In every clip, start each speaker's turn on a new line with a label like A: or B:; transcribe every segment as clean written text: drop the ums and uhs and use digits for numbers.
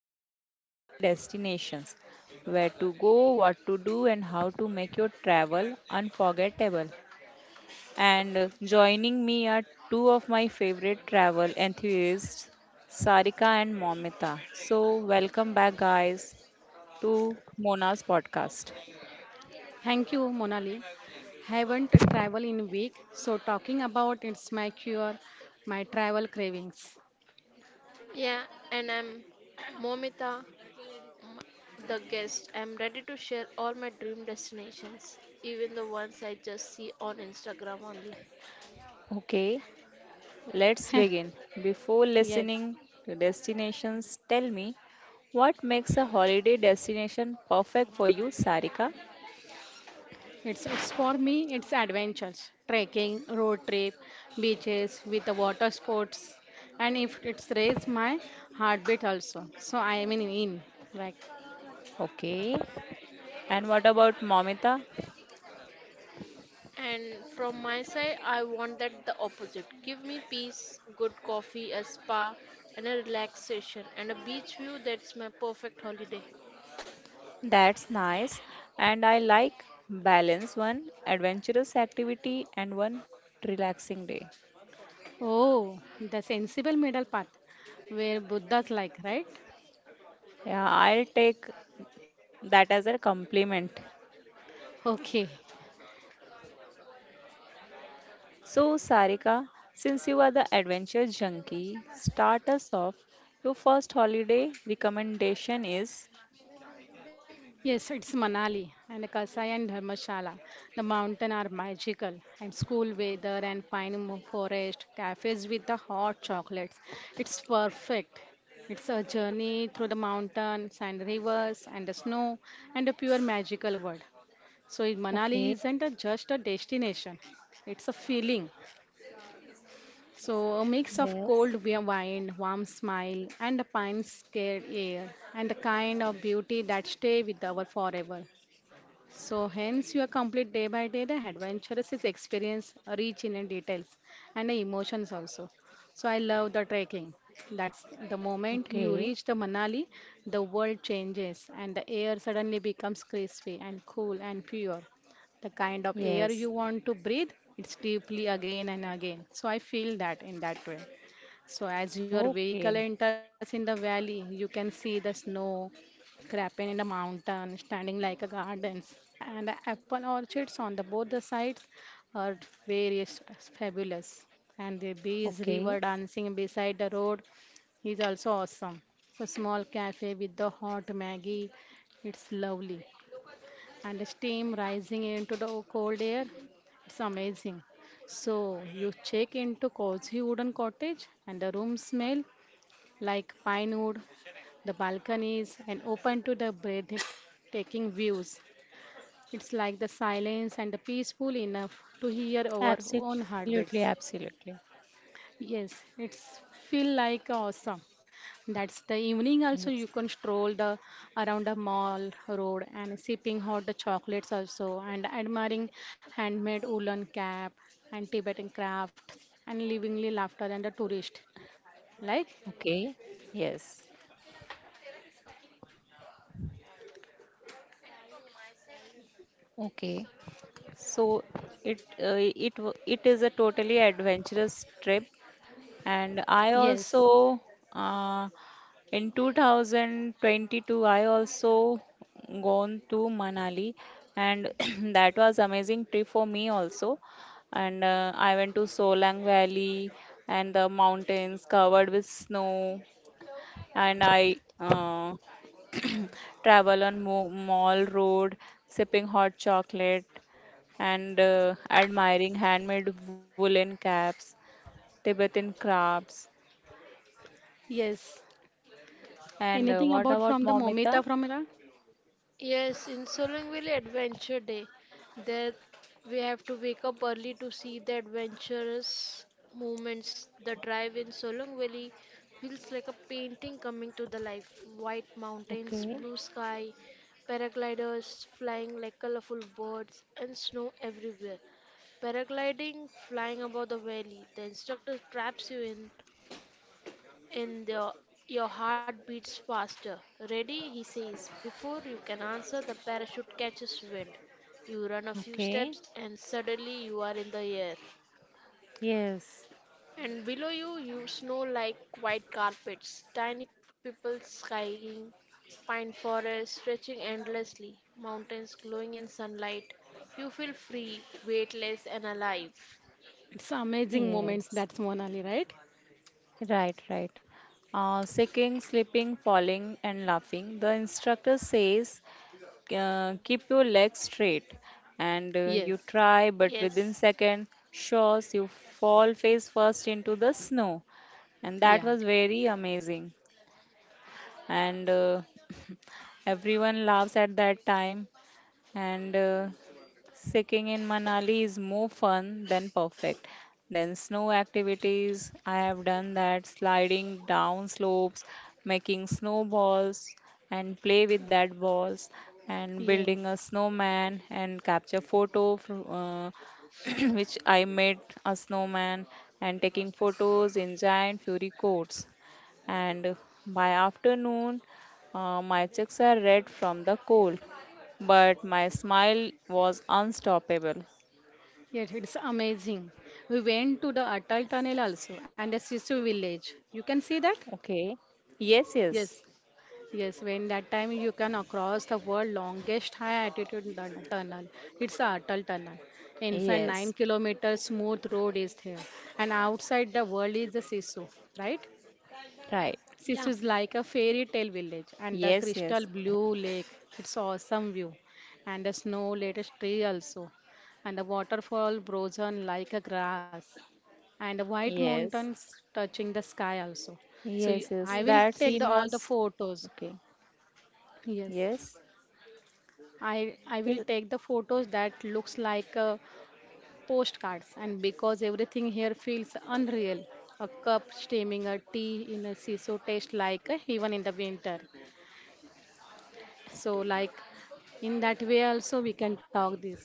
A: is holiday destinations: where to go, what to do, and how to make your travel unforgettable. And joining me are two of my favorite travel enthusiasts, Sarika and Momita. So, welcome back, guys, to Mona's podcast.
B: Thank you, Monali. Haven't traveled in week, so talking about it's my cure, my travel cravings.
C: Yeah, and I'm Momita, m- the guest. I'm ready to share all my dream destinations, even the ones I just see on Instagram only.
A: Okay, let's begin. Before
B: Yes,
A: listening to destinations, tell me what makes a holiday destination perfect for you, Sarika?
B: it's for me. It's adventures, trekking, road trip, beaches with the water sports, and if it's raise my heartbeat also. So I am in like
A: Okay, and what about Momita?
C: And from my side, I want that the opposite. Give me peace, good coffee, a spa, and a relaxation, and a beach view. That's my perfect holiday.
A: That's nice. And I like balance: one adventurous activity and one relaxing day.
B: oh, the sensible middle path where Buddha's like right.
A: Yeah, I'll take that as a compliment.
B: Okay,
A: So, Sarika, since you are the adventure junkie, start us off. Your first holiday recommendation is?
B: yes, it's Manali and Kasai and Dharmshala. The mountain are magical and school weather and forest, cafes with the hot chocolates. It's perfect. It's a journey through the mountains and rivers and the snow and a pure magical world. So Manali
A: Okay.
B: isn't a, just a destination. It's a feeling. So a mix of cold
A: Yes.
B: wind, warm smile and a pine scared air and the kind of beauty that stay with our forever. So, hence, your complete day by day the adventurous is experience rich in and details and the emotions also. So, I love the trekking. That's the moment you
A: Okay.
B: reach the Manali, the world changes and the air suddenly becomes crispy and cool and pure. The kind of air
A: Yes.
B: you want to breathe, it's deeply again and again. So, I feel that in that way. So as your vehicle
A: Okay.
B: enters in the valley, you can see the snow crapping in the mountain, standing like a gardens, and apple orchards on the both the sides are various fabulous. And the bees
A: Okay.
B: river dancing beside the road is also awesome. So small cafe with the hot Maggie, it's lovely and the steam rising into the cold air. It's amazing. So you check into cozy wooden cottage and the room smell like pine wood, the balconies and open to the breathtaking views. It's like the silence and the peaceful enough to hear our own
A: Absolutely.
B: heartbeats.
A: Absolutely.
B: Yes, it's feel like awesome. That's the evening
A: Yes.
B: also you can stroll the around the mall road and sipping hot chocolates also and admiring handmade woolen cap and Tibetan crafts and livingly laughter and the tourist. Like
A: Okay. Yes. Okay, so it uh, it is a totally adventurous trip, and I
B: yes,
A: also uh, in 2022 I also gone to Manali, and that was amazing trip for me also. And I went to Solang Valley and the mountains covered with snow, and I travel on Mo Mall Road, sipping hot chocolate and admiring handmade woolen caps, Tibetan crafts.
B: yes.
A: And
B: Anything
A: what
B: about from
A: about
B: the Momita
A: Momita?
B: from Iran?
C: Yes, in Solangville Adventure Day, there we have to wake up early to see the adventurous movements. The drive in Solang Valley feels like a painting coming to the life. White mountains, blue
A: Okay,
C: sky, paragliders flying like colorful birds, and snow everywhere. Paragliding, flying above the valley. The instructor traps you in and the, your heart beats faster. Ready, he says. Before you can answer, the parachute catches wind. You run a few steps,
A: okay.
C: and suddenly you are in the air.
A: Yes,
C: And below you, you snow like white carpets, tiny people skying, pine forests stretching endlessly, mountains glowing in sunlight. You feel free, weightless, and alive.
B: It's amazing moments
A: yes.
B: that's Monali, right?
A: Right, right. Shaking, slipping, falling, and laughing. The instructor says, keep your legs straight. And
B: Yes.
A: you try, but
C: Yes.
A: within second, shows you fall face first into the snow. And that
B: Yeah.
A: was very amazing. And everyone laughs at that time, and Sicking in Manali is more fun than perfect. Then snow activities, I have done that, sliding down slopes, making snowballs and play with that balls and building a
B: Yes.
A: snowman and capture photo from which I made a snowman and taking photos in giant fury coats. And by afternoon, my cheeks are red from the cold, but my smile was unstoppable.
B: Yes, it's amazing. We went to the Atal Tunnel also and the Sisu village. You can see that?
A: Okay. Yes, yes,
B: Yes. Yes, when that time you can across the world longest high altitude tunnel. It's a Atal tunnel. Inside
A: yes,
B: 9 kilometers smooth road is there, and outside the world is the Sisu, right?
A: right.
C: Yeah.
B: Sisu is like a fairy tale village, and the
A: Yes,
B: crystal
A: yes,
B: blue lake. It's awesome view, and the snow laden tree also, and the waterfall frozen like a grass, and the white
A: yes,
B: mountains touching the sky also. So you,
A: yes, yes.
B: I will
C: Yes.
A: That
B: take the
A: scene
B: all the
A: was—
B: photos.
A: Okay.
B: Yes.
A: Yes,
B: I will
A: yes,
B: take the photos that looks like postcards and because everything here feels unreal. A cup steaming a tea in a siso tastes like a heaven in the winter. So like in that way also we can talk this.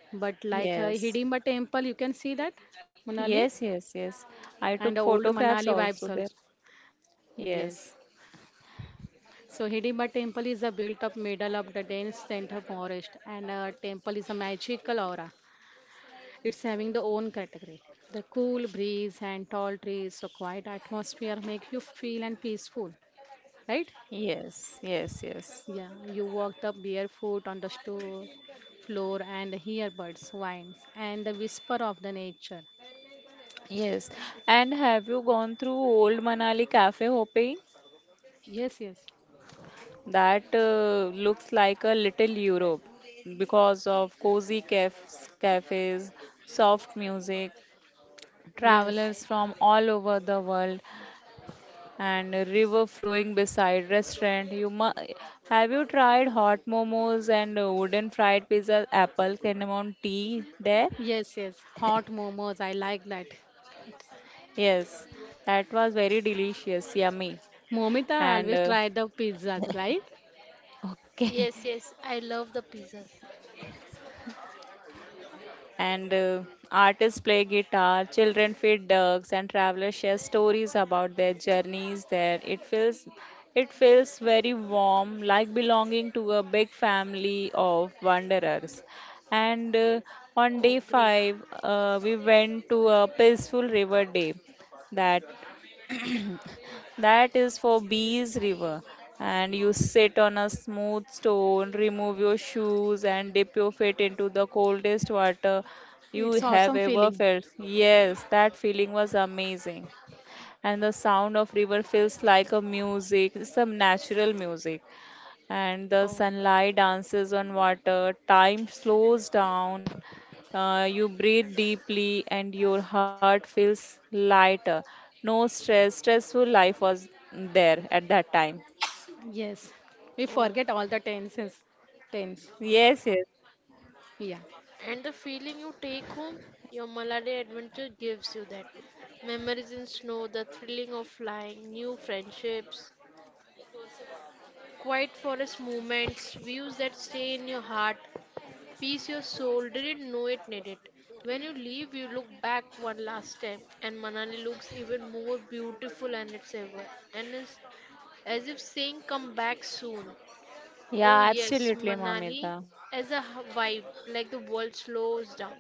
B: But like a
A: yes,
B: Hidimba temple you can see that Manali
A: yes, yes. Yes. I
B: and the
A: took
B: old
A: photographs
B: Manali vibes
A: also
B: also.
A: there.
B: Yes.
A: Yes,
B: So Hidimba temple is a built up middle of the dense center forest and a temple is a magical aura. It's having the own category. The cool breeze and tall trees, so quiet atmosphere make you feel and peaceful, right?
A: yes, yes, yes,
B: Yeah, you walk the barefoot on the store floor and hear birds whines and the whisper of the nature.
A: yes. And have you gone through old Manali cafe hopping?
B: Yes, yes,
A: That looks like a little Europe because of cozy cafes, soft music,
B: yes,
A: travelers from all over the world, and a river flowing beside restaurant. Have you tried hot momos and wooden fried pizza, apple cinnamon tea there?
B: yes, yes. Hot momos, I like that.
A: Yes, that was very delicious, yummy,
B: Momita, I always
A: and
B: try the pizzas, right?
A: okay.
C: Yes, yes, I love the pizzas.
A: And artists play guitar, children feed ducks, and travelers share stories about their journeys there. It feels very warm, like belonging to a big family of wanderers. And on
C: Oh,
A: day
C: great.
A: five, we went to a peaceful river day, that that is for bees river. And you sit on a smooth stone, remove your shoes, and dip your feet into the coldest water you
B: It's awesome
A: have ever
B: feeling.
A: felt. Yes, that feeling was amazing. And the sound of river feels like a music, some natural music, and the
C: Oh,
A: sunlight dances on water. Time slows down. You breathe deeply, and your heart feels lighter. No stress. Stressful life was there at that time.
B: Yes, we
C: oh.
B: forget all the tenses. Tense.
A: Yes, yes.
B: Yeah.
C: And the feeling you take home, your Malade adventure gives you that. Memories in snow, the thrilling of flying, new friendships, quiet forest moments, views that stay in your heart. Peace your soul didn't know it needed. When you leave, you look back one last time, and Manali looks even more beautiful than it's ever, and is as if saying, come back soon. Oh,
A: Yeah,
C: yes,
A: absolutely,
C: Manali
A: Mamita.
C: as a vibe, like the world slows down.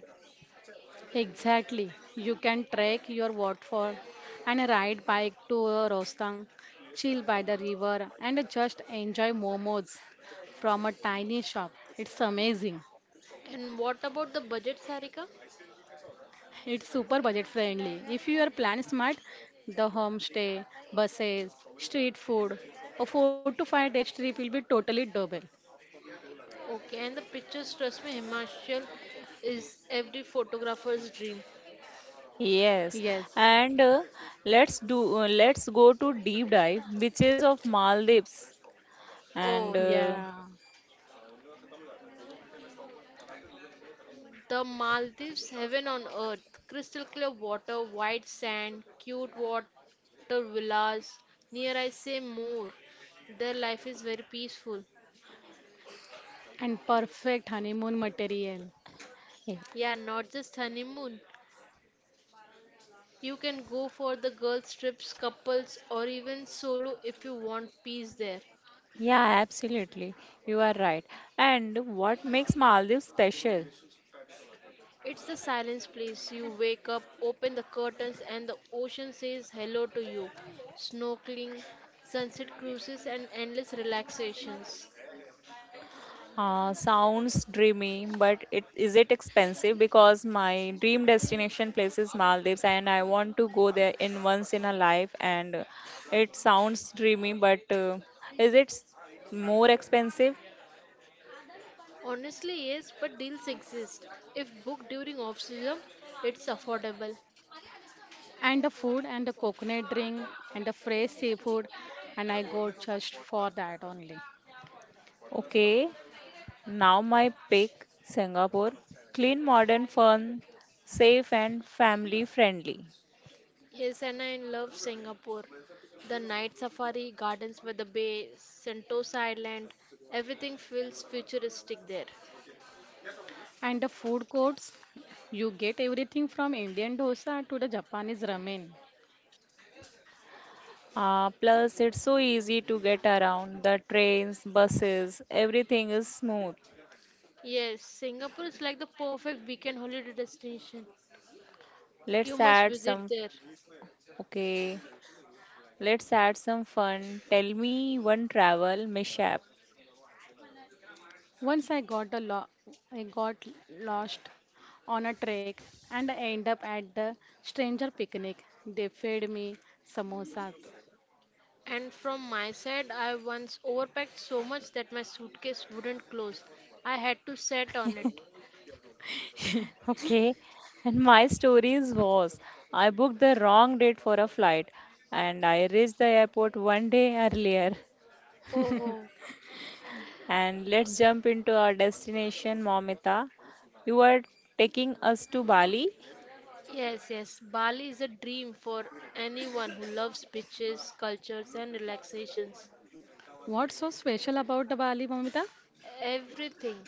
B: Exactly. You can trek your waterfall and ride bike to a Rostang, chill by the river and just enjoy momos from a tiny shop. It's amazing.
C: And what about the budget, Sarika?
B: It's super budget friendly. If you are plan smart, the homestay, buses, street food, a 4 to 5 day trip will be totally double.
C: Okay, and the pictures, trust me, Himachal is every photographer's dream.
A: Yes,
B: Yes.
A: and let's go to deep dive beaches of Maldives.
C: Oh,
A: And
B: Yeah.
C: the Maldives, heaven on earth, crystal clear water, white sand, cute water villas. Near I say more. Their life is very peaceful.
B: And perfect honeymoon material.
A: y-
C: Yeah, not just honeymoon. You can go for the girls' trips, couples, or even solo if you want peace there.
A: yeah, absolutely. You are right. And what makes Maldives special?
C: It's the silence place. You wake up, open the curtains, and the ocean says hello to you. Snorkeling, sunset cruises, and endless relaxations.
A: Sounds dreamy, but it is it expensive? Because my dream destination place is Maldives and I want to go there in once in a life, and it sounds dreamy, but is it s- more expensive?
C: Honestly, yes, but deals exist. If booked during off-season, it's affordable.
B: And the food and the coconut drink and the fresh seafood, and I go just for that only.
A: Okay, now my pick: Singapore. Clean, modern, fun, safe and family friendly.
C: Yes, and I love Singapore. The night safari, gardens by the bay, Sentosa Island, everything feels futuristic there.
B: And the food courts, you get everything from Indian dosa to the Japanese ramen.
A: Plus, it's so easy to get around. The trains, buses, everything is smooth.
C: Yes, Singapore is like the perfect weekend holiday destination. You
A: Let's
C: must
A: add
C: visit
A: some—
C: there.
A: Okay, let's add some fun. Tell me one travel mishap.
B: Once I got a lo- I got lost on a trek and I end up at the stranger picnic. They fed me samosas.
C: And from my side, I once overpacked so much that my suitcase wouldn't close. I had to sit on it.
A: Okay, and my stories was, I booked the wrong date for a flight and I reached the airport one day earlier.
C: Oh, oh.
A: And let's jump into our destination, Momita. You are taking us to Bali.
C: Yes, yes, Bali is a dream for anyone who loves beaches, cultures, and relaxations.
B: What's so special about the Bali, Mamita?
C: Everything.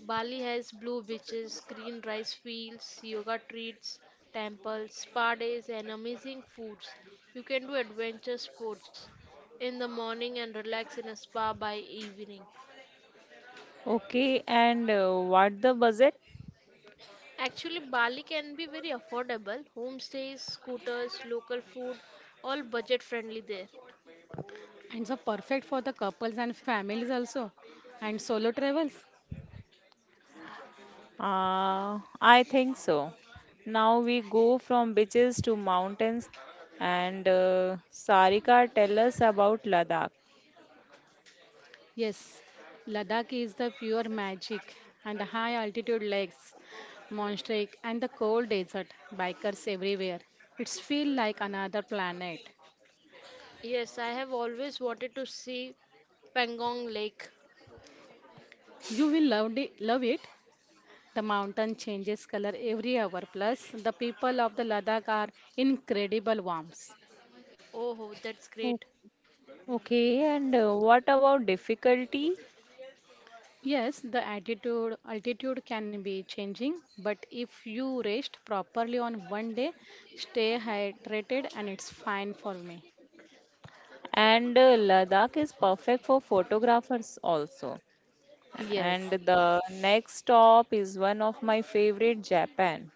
C: Bali has blue beaches, green rice fields, yoga treats, temples, spa days, and amazing foods. You can do adventure sports in the morning and relax in a spa by evening.
A: Okay, and what the budget?
C: Actually, Bali can be very affordable. Homestays, scooters, local food, all budget friendly there.
B: And so perfect for the couples and families also, and solo travels.
A: I think so. Now we go from beaches to mountains, and Sarika, tell us about Ladakh.
B: Yes, Ladakh is the pure magic, and the high altitude lakes, Monstrake, and the cold desert, bikers everywhere. It's feel like another planet.
C: Yes, I have always wanted to see Pangong Lake.
B: You will love it, love it. The mountain changes color every hour, plus the people of the Ladakh are incredible warms.
C: Oh, that's
A: Oh.
C: great.
A: Okay, and what about difficulty?
B: Yes, the attitude altitude can be changing, but if you rest properly on one day, stay hydrated and it's fine for me.
A: And Ladakh is perfect for photographers also. And
B: Yes.
A: the next stop is one of my favorite, Japan.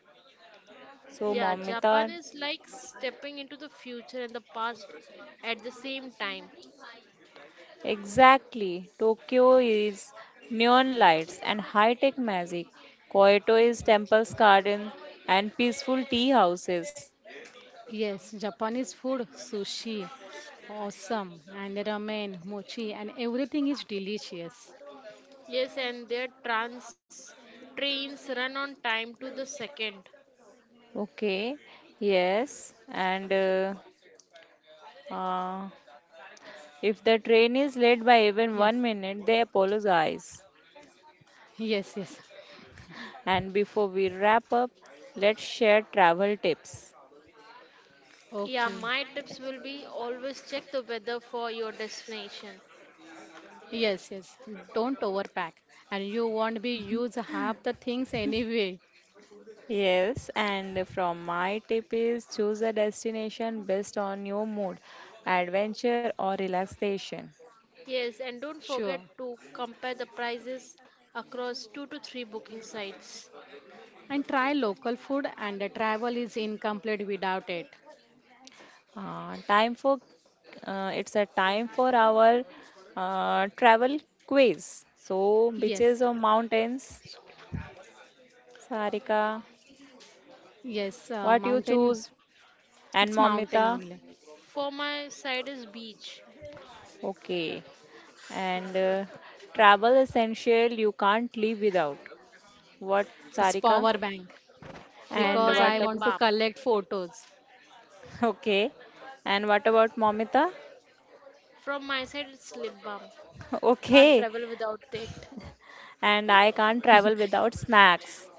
A: So,
C: Yeah, Japan
A: Momita.
C: is like stepping into the future and the past at the same time.
A: Exactly. Tokyo is neon lights and high-tech magic. Kyoto is temples, garden, and peaceful tea houses.
B: Yes, Japanese food, sushi, awesome, and ramen, mochi, and everything is delicious.
C: Yes, and their trans trains run on time to the second.
A: Okay. Yes. And uh, if the train is late
B: Yes,
A: by even 1 minute, they apologize.
B: yes, yes.
A: And before we wrap up, let's share travel tips.
C: Yeah,
B: Okay.
C: my tips will be always check the weather for your destination.
B: Yes, yes. Don't overpack, and you won't be use half the things anyway.
A: Yes, and from my tip is choose a destination based on your mood, adventure or relaxation.
C: Yes, and don't
B: Sure.
C: forget to compare the prices across 2 to 3 booking sites.
B: And try local food, and the travel is incomplete without it.
A: Time for it's a time for our travel quiz. So beaches
B: Yes,
A: or mountains, Sarika,
B: yes.
A: what you
B: Mountain.
A: choose,
B: It's
A: and
B: mountain
A: Momita,
B: only.
C: For my side is beach.
A: okay. And travel essential you can't live without. What,
B: It's
A: Sarika?
B: power bank.
C: For
A: And
B: Because
C: my
B: I
A: what?
C: lip
A: ab-
B: want to
C: balm.
B: collect photos.
A: Okay. And what about Momita?
C: From my side, it's lip balm. Can't
A: Okay.
C: travel without it.
A: And I can't travel without snacks.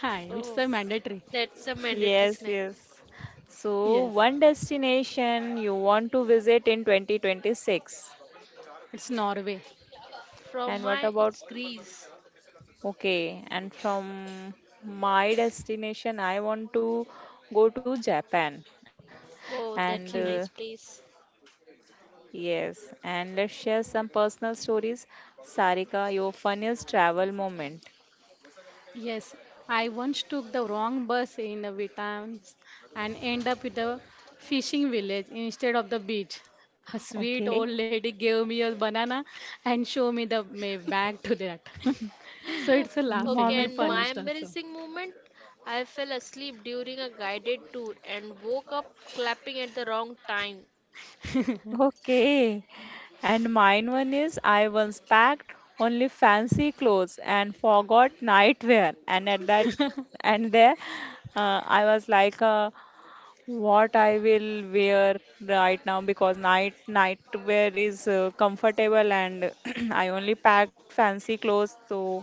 B: Hi, it's
C: Oh,
B: a mandatory.
C: that's a mandatory
A: Yes,
C: snack.
A: yes. So,
B: Yes,
A: one destination you want to visit in 2026.
B: it's Norway.
A: And
C: From
A: what
C: my,
A: about,
C: it's Greece.
A: okay, and from my destination, I want to go to Japan. And
C: Oh, that's a
B: Okay.
C: nice place.
A: yes, and let's share some personal stories. Sarika, your funniest travel moment.
B: Yes, I once took the wrong bus in the Vietnams and end up with a fishing village instead of the beach. A sweet
A: Okay.
B: old lady gave me a banana and showed me the my bag to that. So it's a
A: And
B: laughing
C: Okay,
B: and
C: and
B: funny
C: my
A: Mamita?
C: embarrassing moment I fell asleep during a guided tour and woke up clapping at the wrong time.
B: also.
A: Okay. And mine one is, I once packed only fancy clothes and forgot nightwear. And at that, and there, I was like, what I will wear right now? Because nightwear is comfortable, and I only packed fancy clothes, so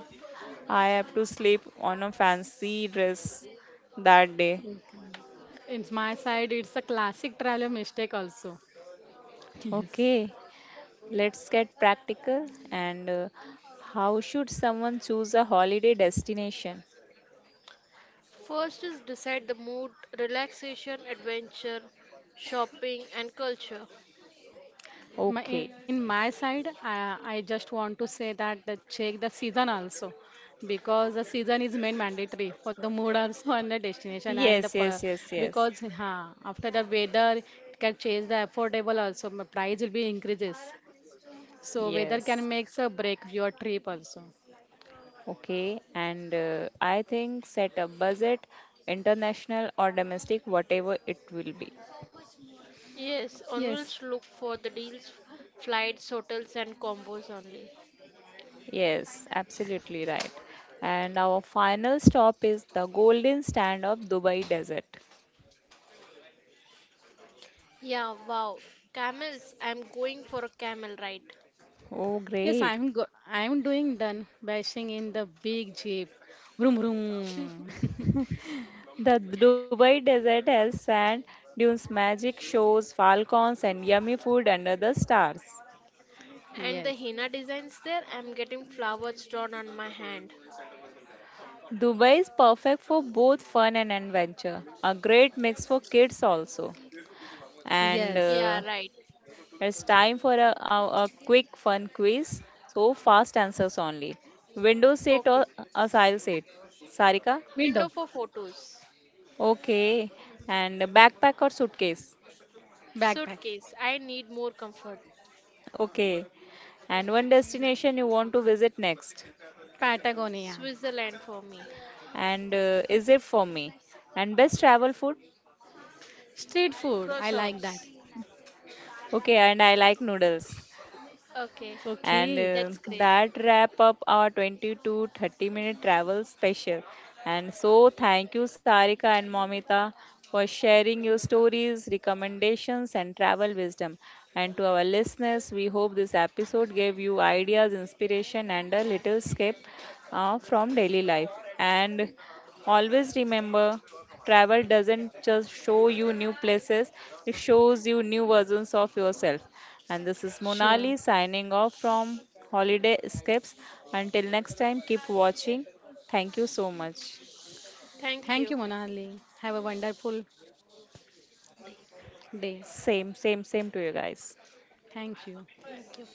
A: I have to sleep on a fancy dress that day.
B: It's my side, it's a classic traveler mistake also. Yes.
A: Okay. Let's get practical. And how should someone choose a holiday destination?
C: First is decide the mood, relaxation, adventure, shopping, and culture.
B: My,
A: Okay.
B: in my side, I just want to say that the check the season also because the season is main mandatory for the mood also and the destination and the
A: Yes,
B: per,
A: yes, yes, yes.
B: because huh, after the weather it can change the affordable also my price will be increases so weather can
A: Yes.
B: makes a break your trip also.
A: Okay. And I think set a budget, international or domestic, whatever it will be.
C: Yes,
B: Yes.
C: onwards look for the deals, flights, hotels, and combos only.
A: Yes, absolutely right. And our final stop is the golden stand of Dubai Desert.
C: Yeah, wow. Camels, I'm going for a camel ride.
A: Oh,
B: Yes,
A: great.
B: I'm doing done bashing in the big jeep. Vroom vroom.
A: The Dubai desert has sand dunes, magic shows, falcons, and yummy food under the stars.
C: And
B: Yes.
C: the henna designs there, I'm getting flowers drawn on my hand.
A: Dubai is perfect for both fun and adventure, a great mix for kids also. And
B: Yes.
C: Yeah, right.
A: it's time for a quick fun quiz, so fast answers only. Window seat
C: Okay.
A: or aisle seat? Sarika?
B: Window.
C: Window for photos.
A: Okay. And backpack or suitcase?
B: Backpack.
C: Suitcase, I need more comfort.
A: Okay. And one destination you want to visit next?
B: Patagonia.
C: Switzerland for me.
A: And is it for me, and best travel food?
B: Street food. I like
C: Croissants.
B: that.
A: Okay, and I like noodles.
C: Okay,
A: And
B: Okay.
C: that's great.
A: that wrap up our 20 to 30 minute travel special. And so thank you, Sarika and Momita, for sharing your stories, recommendations, and travel wisdom. And to our listeners, we hope this episode gave you ideas, inspiration, and a little escape from daily life. And always remember, travel doesn't just show you new places, it shows you new versions of yourself. And this is
B: Sure.
A: Monali signing off from Holiday Escapes. Until next time, keep watching. Thank you so much.
C: Thank
B: Thank you,
C: you.
B: Monali. Have a wonderful day.
A: Same, same, same to you guys.
B: Thank you.
C: Thank you.